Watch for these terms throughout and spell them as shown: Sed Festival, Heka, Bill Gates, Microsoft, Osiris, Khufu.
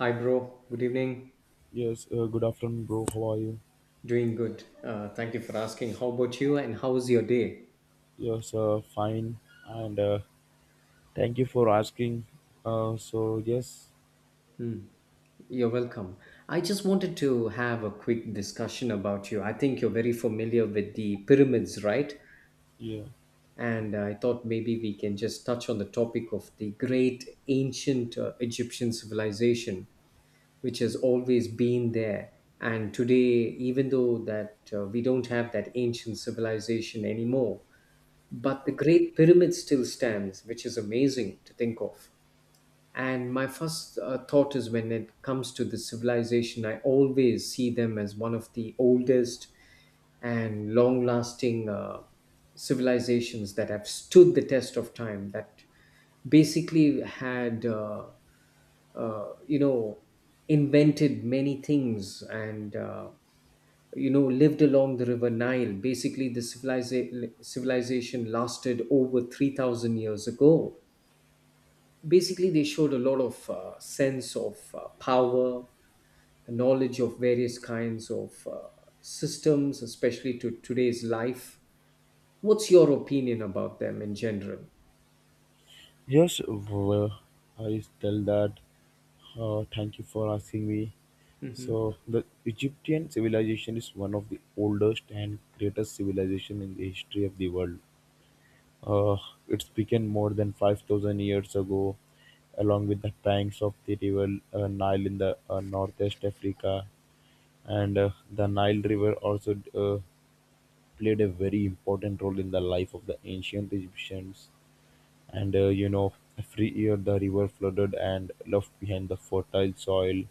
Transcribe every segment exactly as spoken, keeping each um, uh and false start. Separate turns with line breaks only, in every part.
Hi, bro. Good evening.
Yes, uh, good afternoon, bro. How are you?
Doing good. Uh, thank you for asking. How about you and how was your day?
Yes, uh, fine, and uh, thank you for asking. Uh, so yes,
You're welcome. I just wanted to have a quick discussion about you. I think you're very familiar with the pyramids, right?
yeah,
And I thought maybe we can just touch on the topic of the great ancient uh, Egyptian civilization, which has always been there. And today, even though that uh, we don't have that ancient civilization anymore, but the Great Pyramid still stands, which is amazing to think of. And my first uh, thought is, when it comes to the civilization, I always see them as one of the oldest and long lasting uh, civilizations that have stood the test of time, that basically had, uh, uh, you know, invented many things, and uh, you know lived along the river Nile. Basically, the civilization civilization lasted over three thousand years ago. Basically, they showed a lot of uh, sense of uh, power, knowledge of various kinds of uh, systems, especially to today's life. What's your opinion about them in general?
yes. Well, uh, I tell that. Uh, thank you for asking me.
Hmm.
So the Egyptian civilization is one of the oldest and greatest civilization in the history of the world. Uh, it's began more than five thousand years ago, along with the banks of the river uh, Nile in the uh, northeast Africa. And uh, the Nile River also uh, played a very important role in the life of the ancient Egyptians. And uh, you know, every year the river flooded and left behind the fertile soil,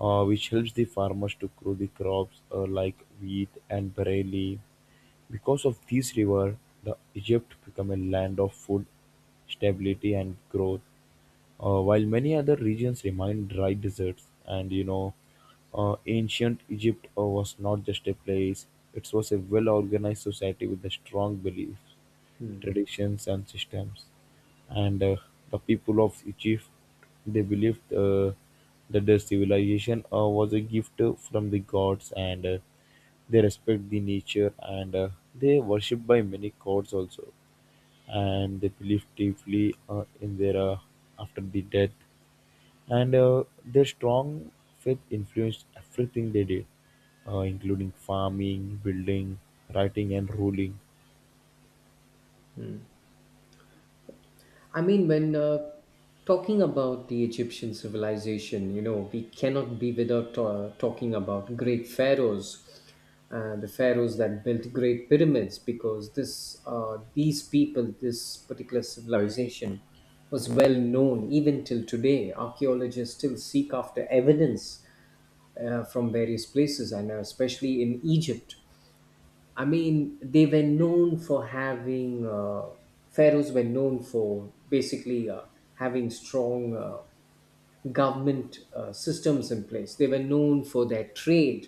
uh, which helps the farmers to grow the crops uh, like wheat and barley. Because of this river, the Egypt became a land of food, stability, and growth, uh, while many other regions remain dry deserts. And you know, uh, ancient Egypt uh, was not just a place, it was a well organized society with a strong beliefs, traditions, and systems. And uh, the people of Egypt they believed uh, that their civilization uh, was a gift uh, from the gods, and uh, they respect the nature, and uh, they worship by many gods also, and they believe deeply uh, in their uh, after the death, and uh, their strong faith influenced everything they did, uh, including farming, building, writing, and ruling.
I mean, when uh, talking about the Egyptian civilization, you know, we cannot be without uh, talking about great pharaohs, uh, the pharaohs that built great pyramids, because this, uh, these people, this particular civilization, was well known even till today. Archaeologists still seek after evidence uh, from various places, and uh, especially in Egypt. I mean, they were known for having, uh, pharaohs were known for basically uh, having strong uh, government uh, systems in place. They were known for their trade,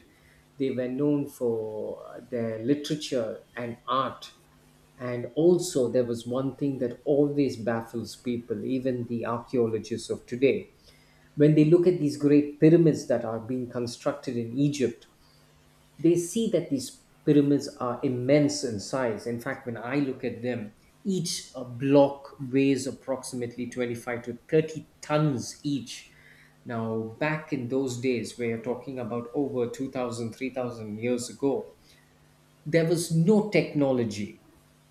they were known for uh, their literature and art. And also, there was one thing that always baffles people, even the archaeologists of today. When they look at these great pyramids that are being constructed in Egypt, they see that these pyramids are immense in size. In fact, when I look at them, each uh, block weighs approximately twenty-five to thirty tons each. Now, back in those days, where you're talking about over two thousand, three thousand years ago, there was no technology.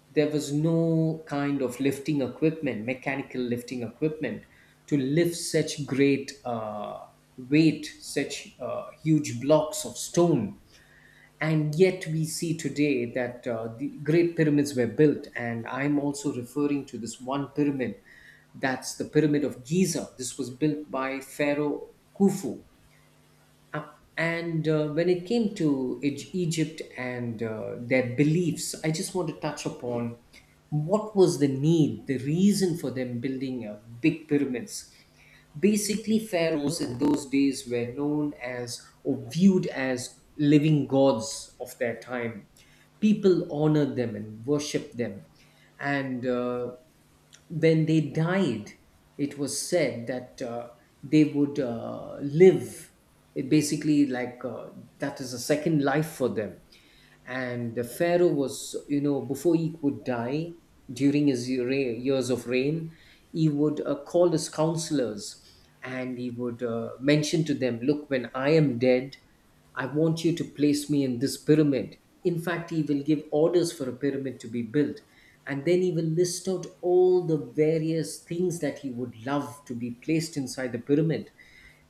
There was no kind of lifting equipment, mechanical lifting equipment to lift such great uh, weight, such uh, huge blocks of stone. And yet we see today that uh, the great pyramids were built, and I'm also referring to this one pyramid. That's the pyramid of Giza. This was built by Pharaoh Khufu. Uh, and uh, when it came to Eg- Egypt and uh, their beliefs, I just want to touch upon what was the need, the reason for them building uh, big pyramids. Basically, pharaohs in those days were known as or viewed as living gods of their time. People honored them and worshipped them. And uh, when they died, it was said that uh, they would uh, live, it basically like uh, that is a second life for them. And the Pharaoh was, you know, before he would die, during his re- years of reign, he would uh, call his counselors, and he would uh, mention to them, "Look, when I am dead, I want you to place me in this pyramid." In fact, he will give orders for a pyramid to be built. And then he will list out all the various things that he would love to be placed inside the pyramid.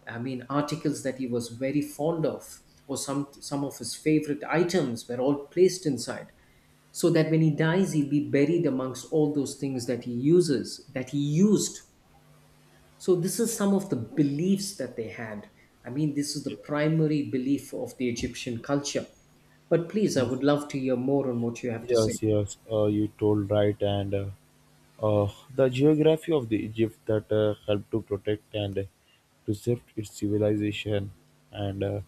I mean, articles that he was very fond of, or some some of his favorite items were all placed inside, so that when he dies, he'll be buried amongst all those things that he uses, that he used. So this is some of the beliefs that they had. I mean, this is the primary belief of the Egyptian culture. But please, I would
Yes.
love to hear more on what you have to say.
Yes, yes, uh, you told right, and uh, uh, the geography of the Egypt that uh, helped to protect and to shift its civilization, and uh,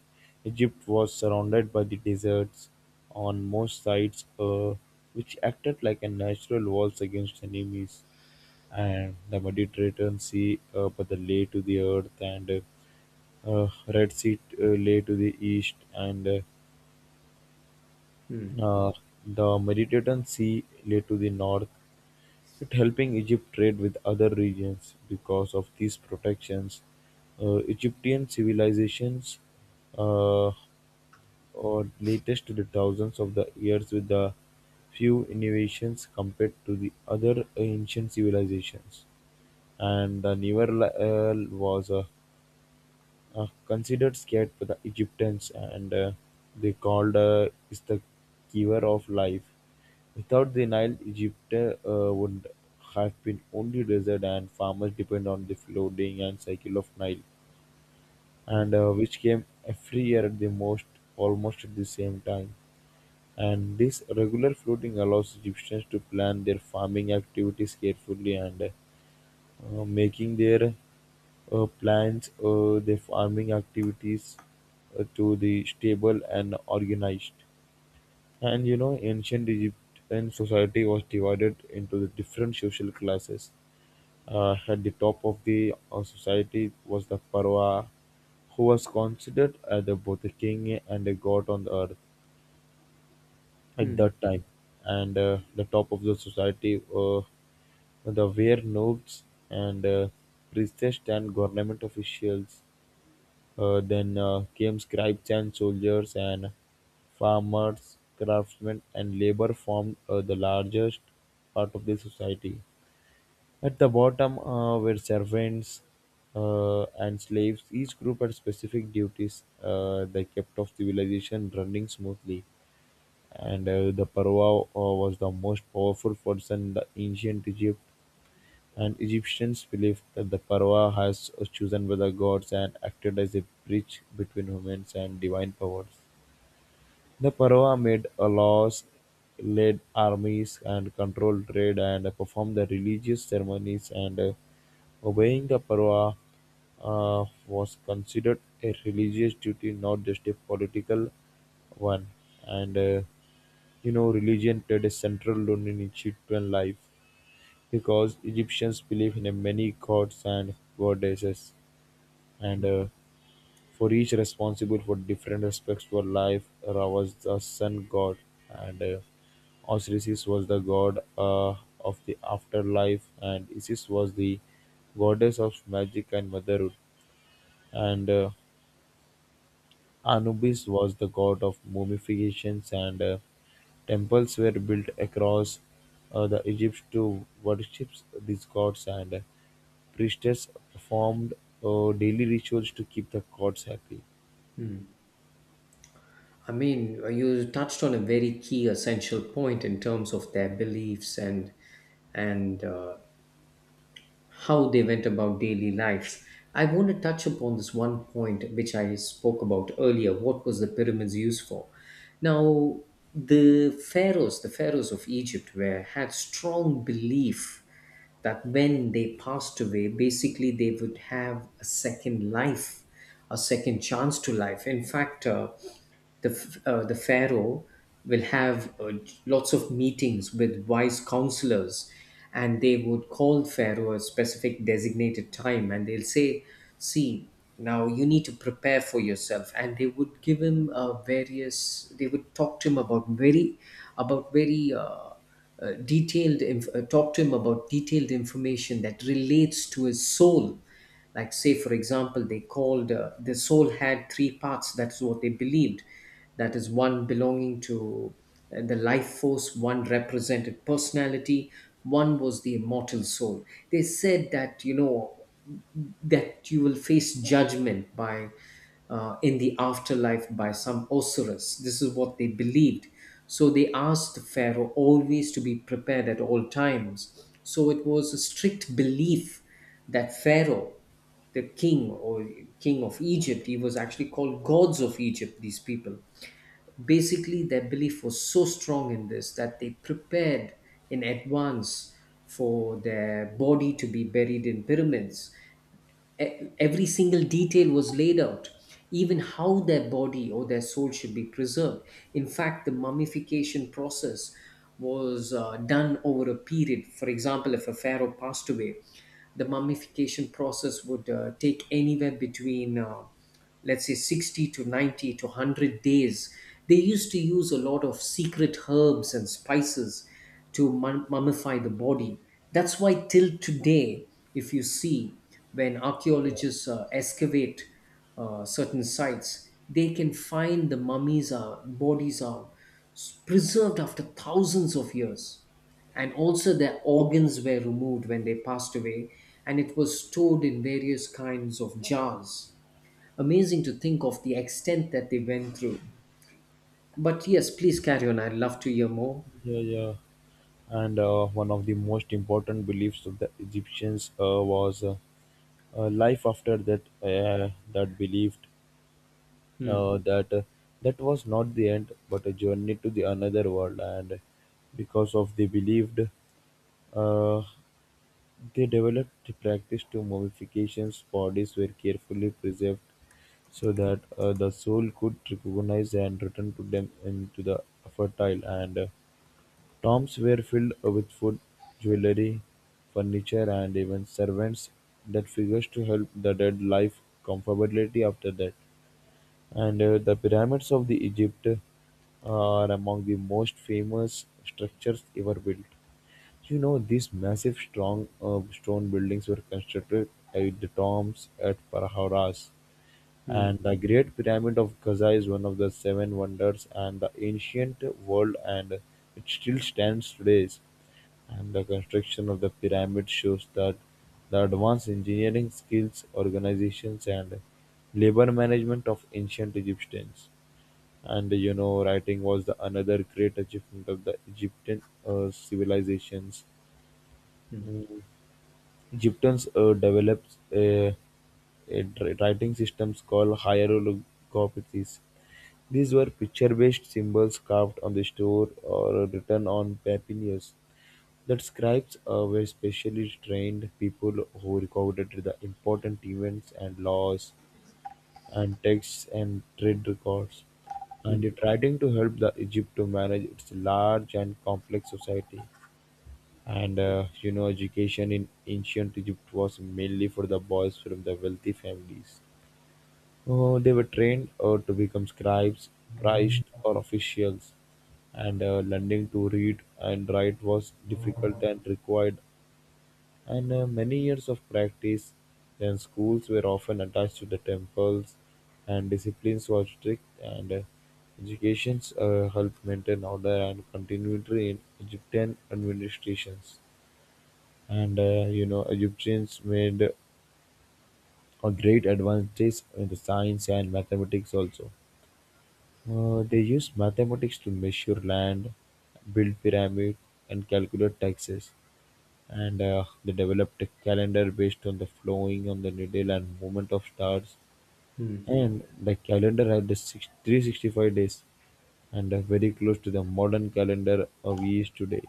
Egypt was surrounded by the deserts on most sides, uh, which acted like a natural walls against enemies, and the Mediterranean Sea, uh, but the lay to the earth, and uh, uh, Red Sea uh, lay to the east, and
Hmm.
uh, uh, the Mediterranean Sea lay to the north. It helping Egypt trade with other regions because of these protections. Uh, Egyptian civilizations uh, or latest to the thousands of the years with the few innovations compared to the other ancient civilizations, and the newer li- uh, was a uh, considered sacred by the Egyptians, and uh, they called uh, is the giver of life. Without the Nile, Egypt uh, would have been only desert, and farmers depend on the flooding and cycle of Nile, and uh, which came every year at the most almost at the same time. And this regular flooding allows Egyptians to plan their farming activities carefully, and uh, uh, making their uh, plans, uh, their farming activities uh, to the stable and organized. And you know, ancient Egyptian society was divided into the different social classes. Uh, at the top of the uh, society was the Pharaoh, who was considered as the, both a king and a god on the earth at
Hmm.
that time, and uh, the top of the society, uh, the were nobles, and uh, priests and government officials, uh, then uh, came scribes and soldiers, and farmers, craftsmen and labor formed uh, the largest part of the society. At the bottom uh, were servants uh, and slaves. Each group had specific duties, uh, they kept of civilization running smoothly. And uh, the Parwa uh, was the most powerful force in the ancient Egypt. And Egyptians believed that the Parwa has uh, chosen by the gods and acted as a bridge between humans and divine powers. The Parwa made uh, laws, led armies, and controlled trade, and uh, performed the religious ceremonies. And uh, obeying the Parwa uh, was considered a religious duty, not just a political one. And uh, you know, religion played a central role in Egyptian life because Egyptians believed in a many gods and goddesses, and
Hmm.
uh, for each responsible for different aspects of life. Ra was the sun god, and uh, Osiris was the god uh, of the afterlife, and Isis was the goddess of magic and motherhood. And uh, Anubis was the god of mummifications, and uh, temples were built across uh, the Egypt to worship these gods, and uh, priestess performed uh, daily rituals to keep the gods happy.
I mean, you touched on a very key essential point in terms of their beliefs, and and uh, how they went about daily lives. I want to touch upon this one point which I spoke about earlier. What was the pyramids used for? Now, the pharaohs, the pharaohs of Egypt were had strong belief that when they passed away, basically they would have a second life, a second chance to life. In fact, uh, the f- uh, the pharaoh will have uh, lots of meetings with wise counselors, and they would call pharaoh a specific designated time, and they'll say, "See, now you need to prepare for yourself," and they would give him uh, various, they would talk to him about very, about very uh, uh, detailed, inf- uh, talk to him about detailed information that relates to his soul. Like, say for example, they called uh, the soul had three parts. That's what they believed. That is one belonging to uh, the life force, one represented personality, one was the immortal soul. They said that, you know that you will face judgment by uh, in the afterlife by some Osiris. This is what they believed. So they asked the Pharaoh always to be prepared at all times. So it was a strict belief that Pharaoh, the king, or king of Egypt, he was actually called gods of Egypt, these people. Basically, their belief was so strong in this that they prepared in advance for their body to be buried in pyramids. E- every single detail was laid out, even how their body or their soul should be preserved. In fact, the mummification process was uh, done over a period. For example, if a pharaoh passed away, the mummification process would uh, take anywhere between, uh, let's say, sixty to ninety to one hundred days. They used to use a lot of secret herbs and spices to mum- mummify the body. That's why, till today, if you see, when
Yeah,
archaeologists uh, excavate uh, certain sites, they can find the mummies are bodies are s- preserved after thousands of years. And also, their organs were removed when they passed away, and it was stored in various kinds of jars. Amazing to think of the extent that they went through. But yes, please carry on. I'd love to hear more.
yeah, yeah. And uh, one of the most important beliefs of the Egyptians uh, was uh, uh, life after that. Uh, that believed
Hmm.
uh, that uh, that was not the end but a journey to the another world, and because of they believed, uh, they developed the practice to mummifications, bodies were carefully preserved so that uh, the soul could recognize and return to them into the fertile, and uh, tombs were filled with food, jewelry, furniture, and even servants, that figures to help the dead life comfortably after that. And uh, the pyramids of the Egypt are among the most famous structures ever built. You know, these massive strong uh, stone buildings were constructed at the tombs at Parahauras,
Hmm.
and the Great Pyramid of Giza is one of the Seven Wonders and the ancient world, and it still stands today. And the construction of the pyramid shows that the advanced engineering skills, organizations, and labor management of ancient Egyptians. And you know, writing was the another great achievement of the Egyptian uh, civilizations. Egyptians uh, developed a a dri- writing systems called hieroglyphics; these were picture-based symbols carved on the stone or written on papyrus. The scribes uh, were specially trained people who recorded the important events and laws and texts and trade records, and
Hmm.
it writing to help the Egypt to manage its large and complex society. And uh, you know, education in ancient Egypt was mainly for the boys from the wealthy families. Uh, they were trained uh, to become scribes, priests, or officials. And uh, learning to read and write was difficult and required, and uh, many years of practice. Then schools were often attached to the temples, and disciplines were strict. And uh, educations uh, helped maintain order and continuity in Egyptian administrations. And uh, you know, egyptians made a great advances in the science and mathematics also. Uh, they used mathematics to measure land, build pyramid, and calculate taxes. And uh, they developed a calendar based on the flowing on the needle and movement of stars, and the calendar had the six, three hundred sixty-five days, and uh, very close to the modern calendar uh, we use today.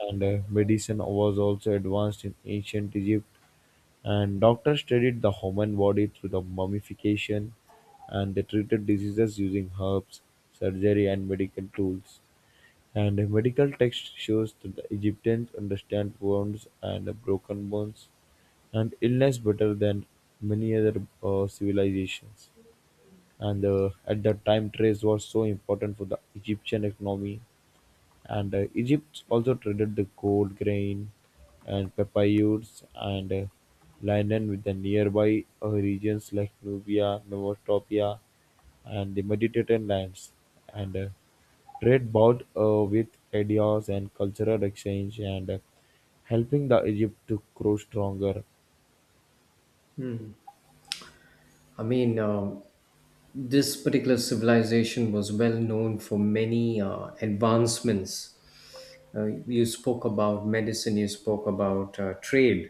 And uh, medicine was also advanced in ancient Egypt. And doctors studied the human body through the mummification, and they treated diseases using herbs, surgery, and medical tools. And a medical text shows that the Egyptians understand wounds and the broken bones and illness better than many other uh, civilizations. And uh, at that time, trade was so important for the Egyptian economy. And uh, Egypt also traded the gold, grain, and papyrus, and uh, linen with the nearby uh, regions like Nubia, Mesopotamia, and the Mediterranean lands. And uh, trade bought uh, with ideas and cultural exchange, and uh, helping the Egypt to grow stronger.
I mean, uh, this particular civilization was well known for many uh, advancements. Uh, you spoke about medicine, you spoke about uh, trade.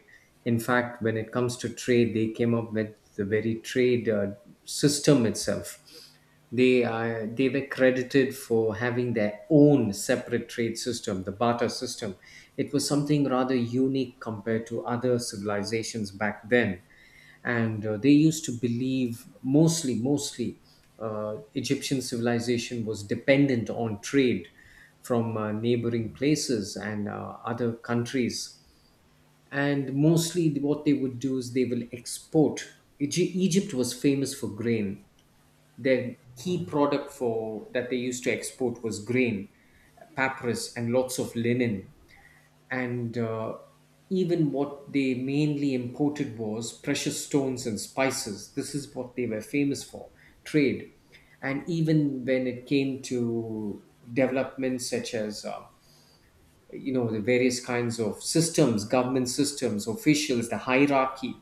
In fact, when it comes to trade, they came up with the very trade uh, system itself. They uh, they were credited for having their own separate trade system, the barter system. It was something rather unique compared to other civilizations back then, and uh, they used to believe, mostly, mostly uh, Egyptian civilization was dependent on trade from uh, neighboring places and uh, other countries. And mostly what they would do is they will export. Egy- egypt was famous for grain. Their key product for that they used to export was grain, papyrus, and lots of linen. And uh, even what they mainly imported was precious stones and spices. This is what they were famous for, trade. And even when it came to developments such as uh, you know the various kinds of systems, government systems, officials, the hierarchy,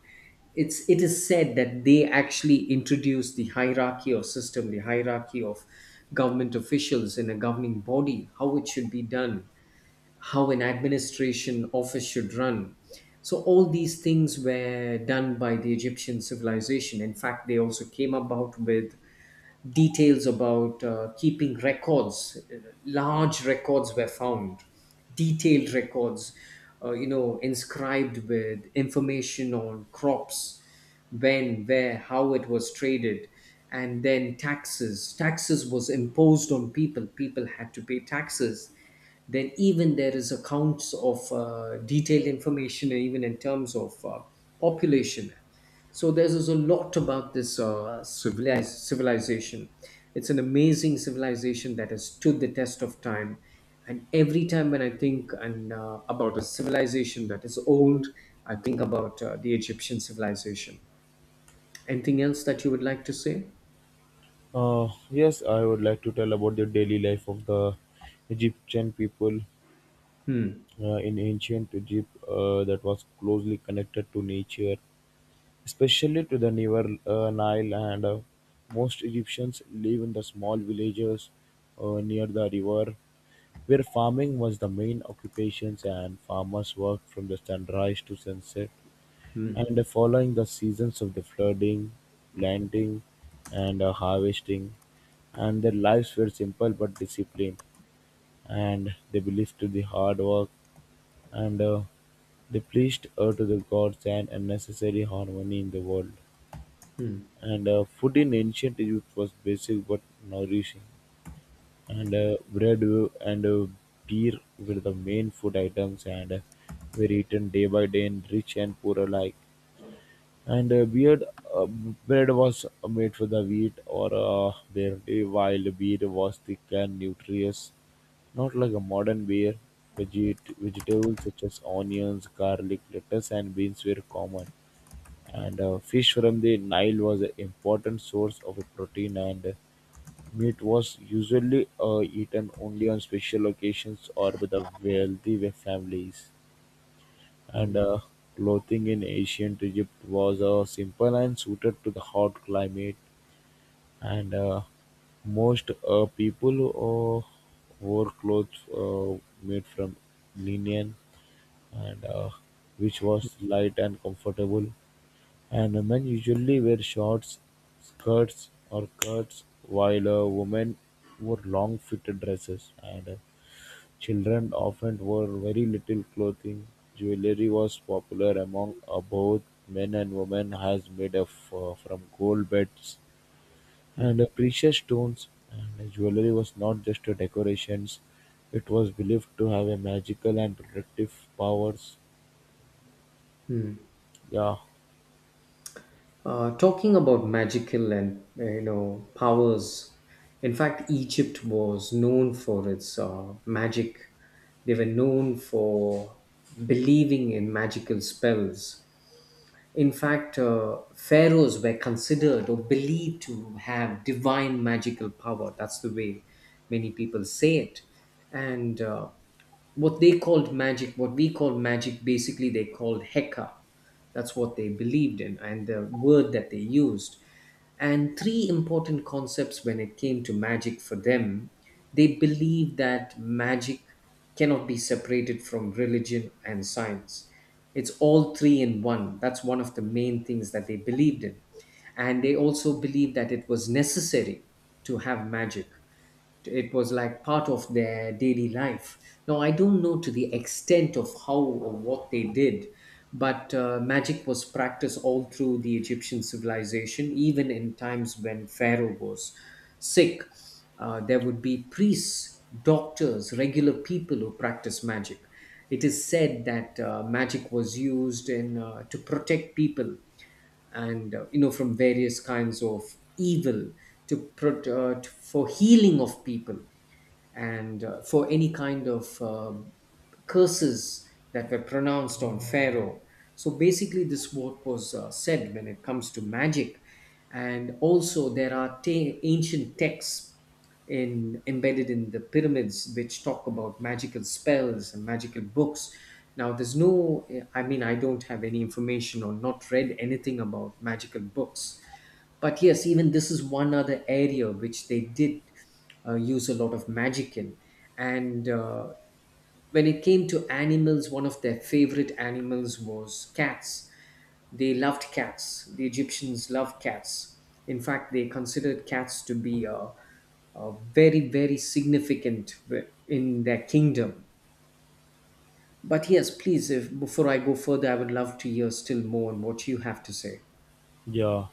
it's it is said that they actually introduced the hierarchy of system, the hierarchy of government officials in a governing body, how it should be done, how an administration office should run. So all these things were done by the Egyptian civilization. In fact, they also came about with details about uh, keeping records. Large records were found, detailed records, uh, you know, inscribed with information on crops, when, where, how it was traded, and then taxes. Taxes was imposed on people. People had to pay taxes. Then even there is accounts of uh, detailed information even in terms of uh, population. So there's just a lot about this uh, civilized civilization. It's an amazing civilization that has stood the test of time. And every time when I think and uh, about a civilization that is old, I think about uh, the Egyptian civilization. Anything else that you would like to say?
Uh, yes, I would like to tell about the daily life of the Egyptian people
Hmm.
uh, in ancient Egypt uh, that was closely connected to nature, especially to the River uh, Nile. And uh, most Egyptians live in the small villages uh, near the river, where farming was the main occupations, and farmers worked from the sunrise to sunset.
Hmm.
And uh, following the seasons of the flooding, planting, and uh, harvesting, and their lives were simple but disciplined, and they believed to the hard work, and uh, they pleased uh, to the gods and a necessary harmony in the world.
Hmm.
And uh, food in ancient Egypt was basic but nourishing. And uh, bread uh, and uh, beer were the main food items, and uh, were eaten day by day in rich and poor alike. And uh, beard uh, bread was made with the wheat or uh, barley, while beer was thick and nutritious, not like a modern beer. Veget- vegetables such as onions, garlic, lettuce, and beans were common, and uh, fish from the nile was an important source of protein, and meat was usually uh, eaten only on special occasions or with the wealthy families. And
Hmm.
uh, clothing in ancient Egypt was uh, simple and suited to the hot climate. And uh, most uh, people uh, wore clothes uh, made from linen, and uh, which was light and comfortable. And men usually wear shorts, skirts, or skirts, while uh, women wore long-fitted dresses. And uh, Children often wore very little clothing; jewelry was popular among uh, both men and women as made of uh, from gold beds, and uh, precious stones. And uh, jewelry was not just a decorations; it was believed to have a magical and protective powers. Yeah,
Uh, talking about magical and uh, you know powers, in fact, Egypt was known for its uh, magic. They were known for believing in magical spells. In fact, uh, pharaohs were considered or believed to have divine magical power. That's the way many people say it. And uh, what they called magic, what we call magic, basically they called Heka. That's what they believed in, and the word that they used. And three important concepts when it came to magic for them, they believe that magic cannot be separated from religion and science. It's all three in one. That's one of the main things that they believed in. And they also believed that it was necessary to have magic. It was like part of their daily life. Now, I don't know to the extent of how or what they did, but uh, magic was practiced all through the Egyptian civilization, even in times when Pharaoh was sick. Uh, there would be priests, doctors, regular people who practice magic. It is said that uh, magic was used in uh, to protect people, and uh, you know from various kinds of evil, to, pro- uh, to for healing of people, and uh, for any kind of uh, curses that were pronounced on Pharaoh. So basically, this what was uh, said when it comes to magic. And also, there are ta- ancient texts in embedded in the pyramids which talk about magical spells and magical books. Now, there's no, I mean, I don't have any information or not read anything about magical books, but yes, even this is one other area which they did uh, use a lot of magic in. And uh, when it came to animals, one of their favorite animals was cats. They loved cats. The Egyptians loved cats. In fact, they considered cats to be uh, uh, very, very significant w- in their kingdom. But yes, please, if before I go further, I would love to hear still more on what you have to say.
yeah.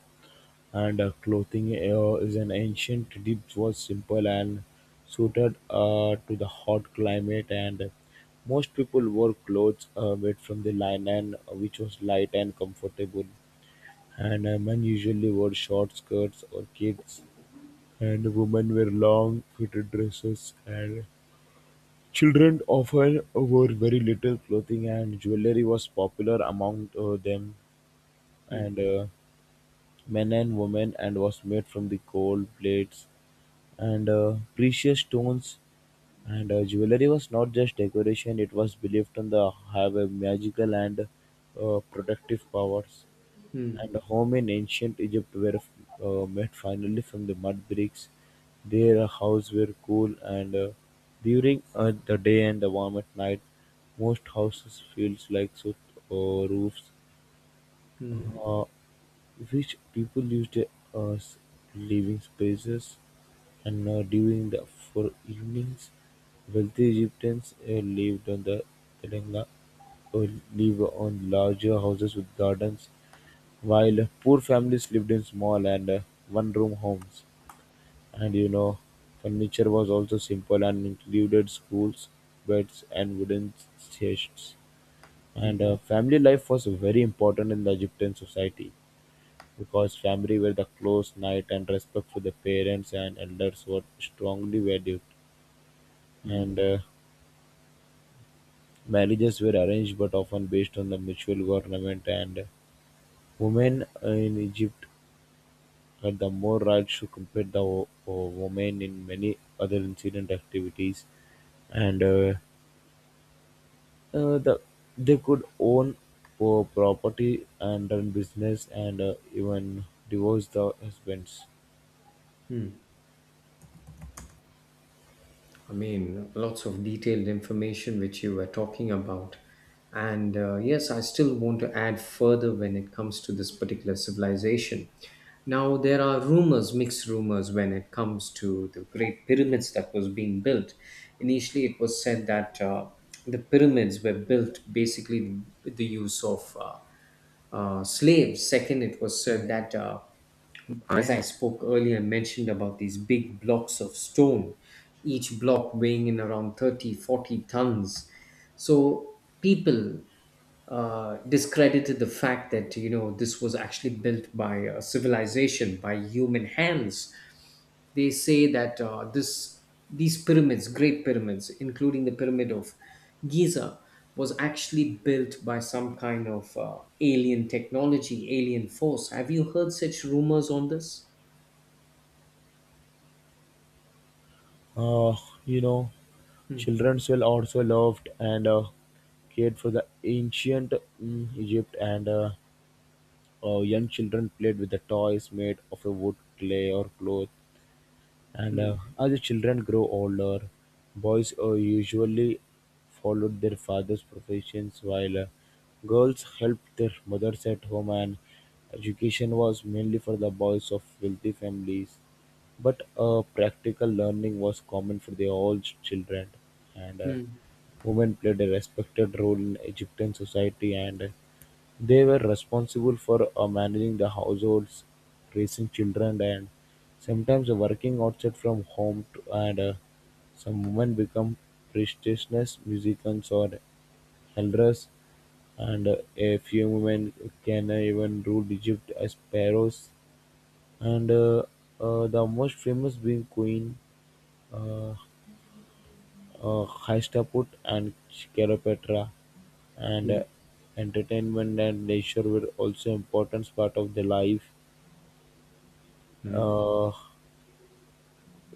And uh, clothing uh, is an ancient dish was simple and suited uh, to the hot climate. And most people wore clothes uh, made from the linen, uh, which was light and comfortable. And uh, men usually wore short skirts or kids, and women wear long fitted dresses. And children often wore very little clothing, and jewelry was popular among uh, them.
Hmm,
And uh, Men and women, and was made from the gold plates and uh, precious stones and uh, jewelry was not just decoration, it was believed in the have a magical and uh, protective powers.
hmm,
And home in ancient Egypt were uh, made finally from the mud bricks. Their houses were cool and uh, during uh, the day and the warm at night. Most houses feels like so uh, roofs.
hmm,
uh, Rich people used it as living spaces, and uh, during the for evenings, wealthy Egyptians uh, lived on the Teranga or live on larger houses with gardens, while poor families lived in small and uh, one-room homes. And you know, Furniture was also simple and included stools, beds, and wooden chests.
hmm,
And uh, family life was very important in the Egyptian society. Because family were the close knit and respect for the parents and elders were strongly valued.
hmm.
And uh, Marriages were arranged but often based on the mutual government and women in Egypt had the more rights to compare the wo- wo- women in many other incident activities and uh, uh, the they could own po- property and run business and uh, even divorce the husbands.
I mean, lots of detailed information which you were talking about. And uh, yes, I still want to add further when it comes to this particular civilization. Now, there are rumors, mixed rumors, when it comes to the Great Pyramids that was being built. Initially, it was said that uh, the pyramids were built basically with the use of uh, uh, slaves. Second, it was said that, uh, as I spoke earlier, mentioned about these big blocks of stone, each block weighing in around thirty, forty tons. So people uh, discredited the fact that, you know, this was actually built by a civilization, by human hands. They say that uh, this these pyramids, great pyramids, including the pyramid of Giza, was actually built by some kind of uh, alien technology, alien force. Have you heard such rumors on this?
Uh, you know,
Mm,
children will also loved and uh, cared for the ancient mm, Egypt, and uh, uh, young children played with the toys made of a wood, clay, or cloth. And
mm,
uh, as the children grow older, boys uh, usually followed their father's professions while uh, girls helped their mothers at home, and education was mainly for the boys of wealthy families. But uh, practical learning was common for the all ch- children, and uh,
mm,
women played a respected role in Egyptian society, and uh, they were responsible for uh, managing the households, raising children, and sometimes working outside from home to and uh, some women become prestigious musicians or elders and uh, a few women can uh, even rule Egypt as pharaohs and uh, uh, the most famous being Queen uh, uh, Hastaput and Cleopatra and
mm,
uh, entertainment and leisure were also important part of the life uh,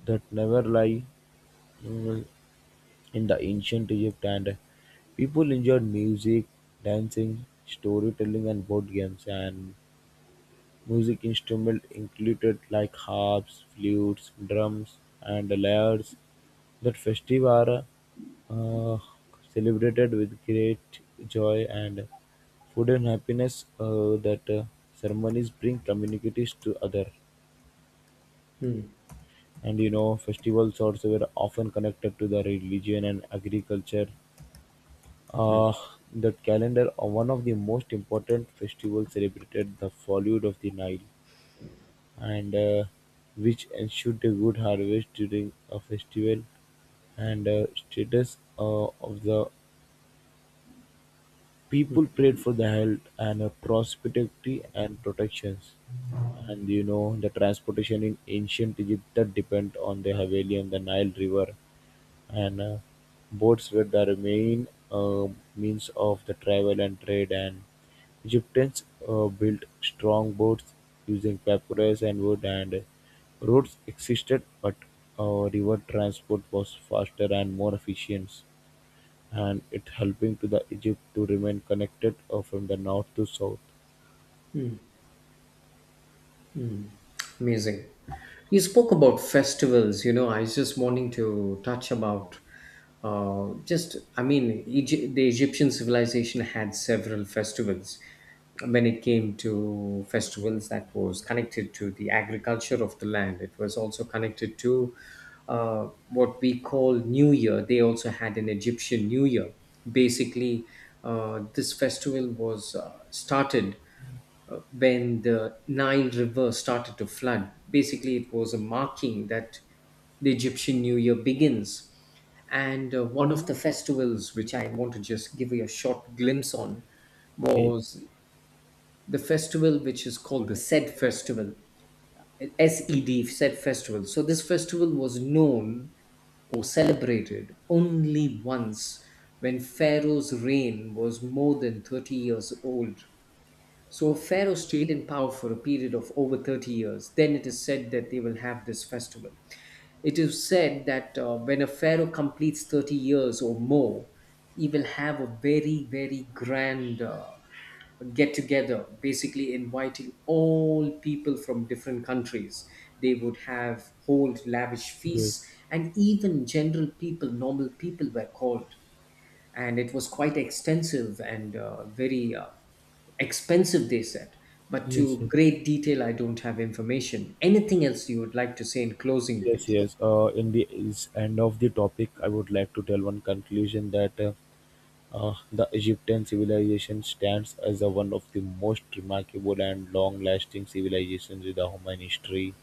that never lie mm, in the ancient Egypt, and people enjoyed music, dancing, storytelling, and board games. And music instruments included like harps, flutes, drums, and lyres. That festive are uh, celebrated with great joy and food and happiness. Uh, that uh, Ceremonies bring communities to other.
mm,
And you know, festivals also were often connected to the religion and agriculture.
mm.
Uh, The calendar of one of the most important festivals celebrated the fallout of the Nile, and uh, which ensured a good harvest during a festival and uh, status uh, of the people prayed for the health and uh, prosperity and protections. And you know, the transportation in ancient Egypt that depend on the Haveli and the Nile River, and uh, boats were the main uh, means of the travel and trade. And Egyptians uh, built strong boats using papyrus and wood, and roads existed, but uh, river transport was faster and more efficient and it helping to the Egypt to remain connected uh, from the north to south.
Amazing. You spoke about festivals. You know, I was just wanting to touch about uh, just, I mean, Egypt, the Egyptian civilization had several festivals. When it came to festivals that was connected to the agriculture of the land, it was also connected to uh, what we call New Year. They also had an Egyptian New Year. Basically, uh, this festival was uh, started. uh, when the Nile River started to flood. Basically, it was a marking that the Egyptian New Year begins. And uh, one of the festivals, which I want to just give you a short glimpse on,
Okay.
was the festival which is called the Sed Festival, S E D, Sed Festival. So, this festival was known or celebrated only once when Pharaoh's reign was more than thirty years old. So Pharaoh stayed in power for a period of over thirty years. Then it is said that they will have this festival. It is said that uh, when a Pharaoh completes thirty years or more, he will have a very, very grand uh, get together, basically inviting all people from different countries. They would have hold lavish
Yes.
feasts, and even general people, normal people were called, and it was quite extensive and uh, very uh, expensive, they said. But
Yes.
to
Yes.
great detail, I don't have information. Anything else you would like to say in closing,
Yes,
please?
yes. Uh, in the is end of the topic, I would like to tell one conclusion that. Uh, uh, the Egyptian civilization stands as a one of the most remarkable and long-lasting civilizations in the human history.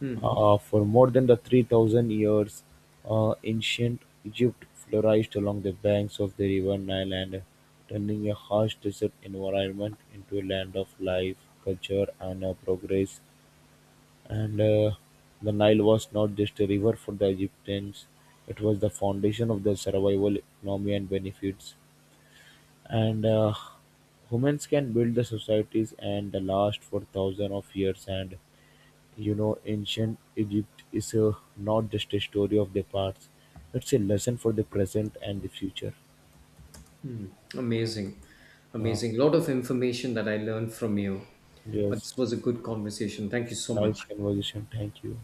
Hmm.
Uh, for more than the three thousand years, uh, ancient Egypt flourished along the banks of the river Nile and turning a harsh desert environment into a land of life, culture, and uh, progress. And uh, The Nile was not just a river for the Egyptians, it was the foundation of their survival, economy, and benefits. And uh, Humans can build the societies and last for thousands of years and, you know, ancient Egypt is uh, not just a story of the past; it's a lesson for the present and the future.
Amazing.
Uh,
Amazing. A lot of information that I learned from you, but
yes,
this was a good conversation. Thank you so
nice
much.
conversation. Thank you.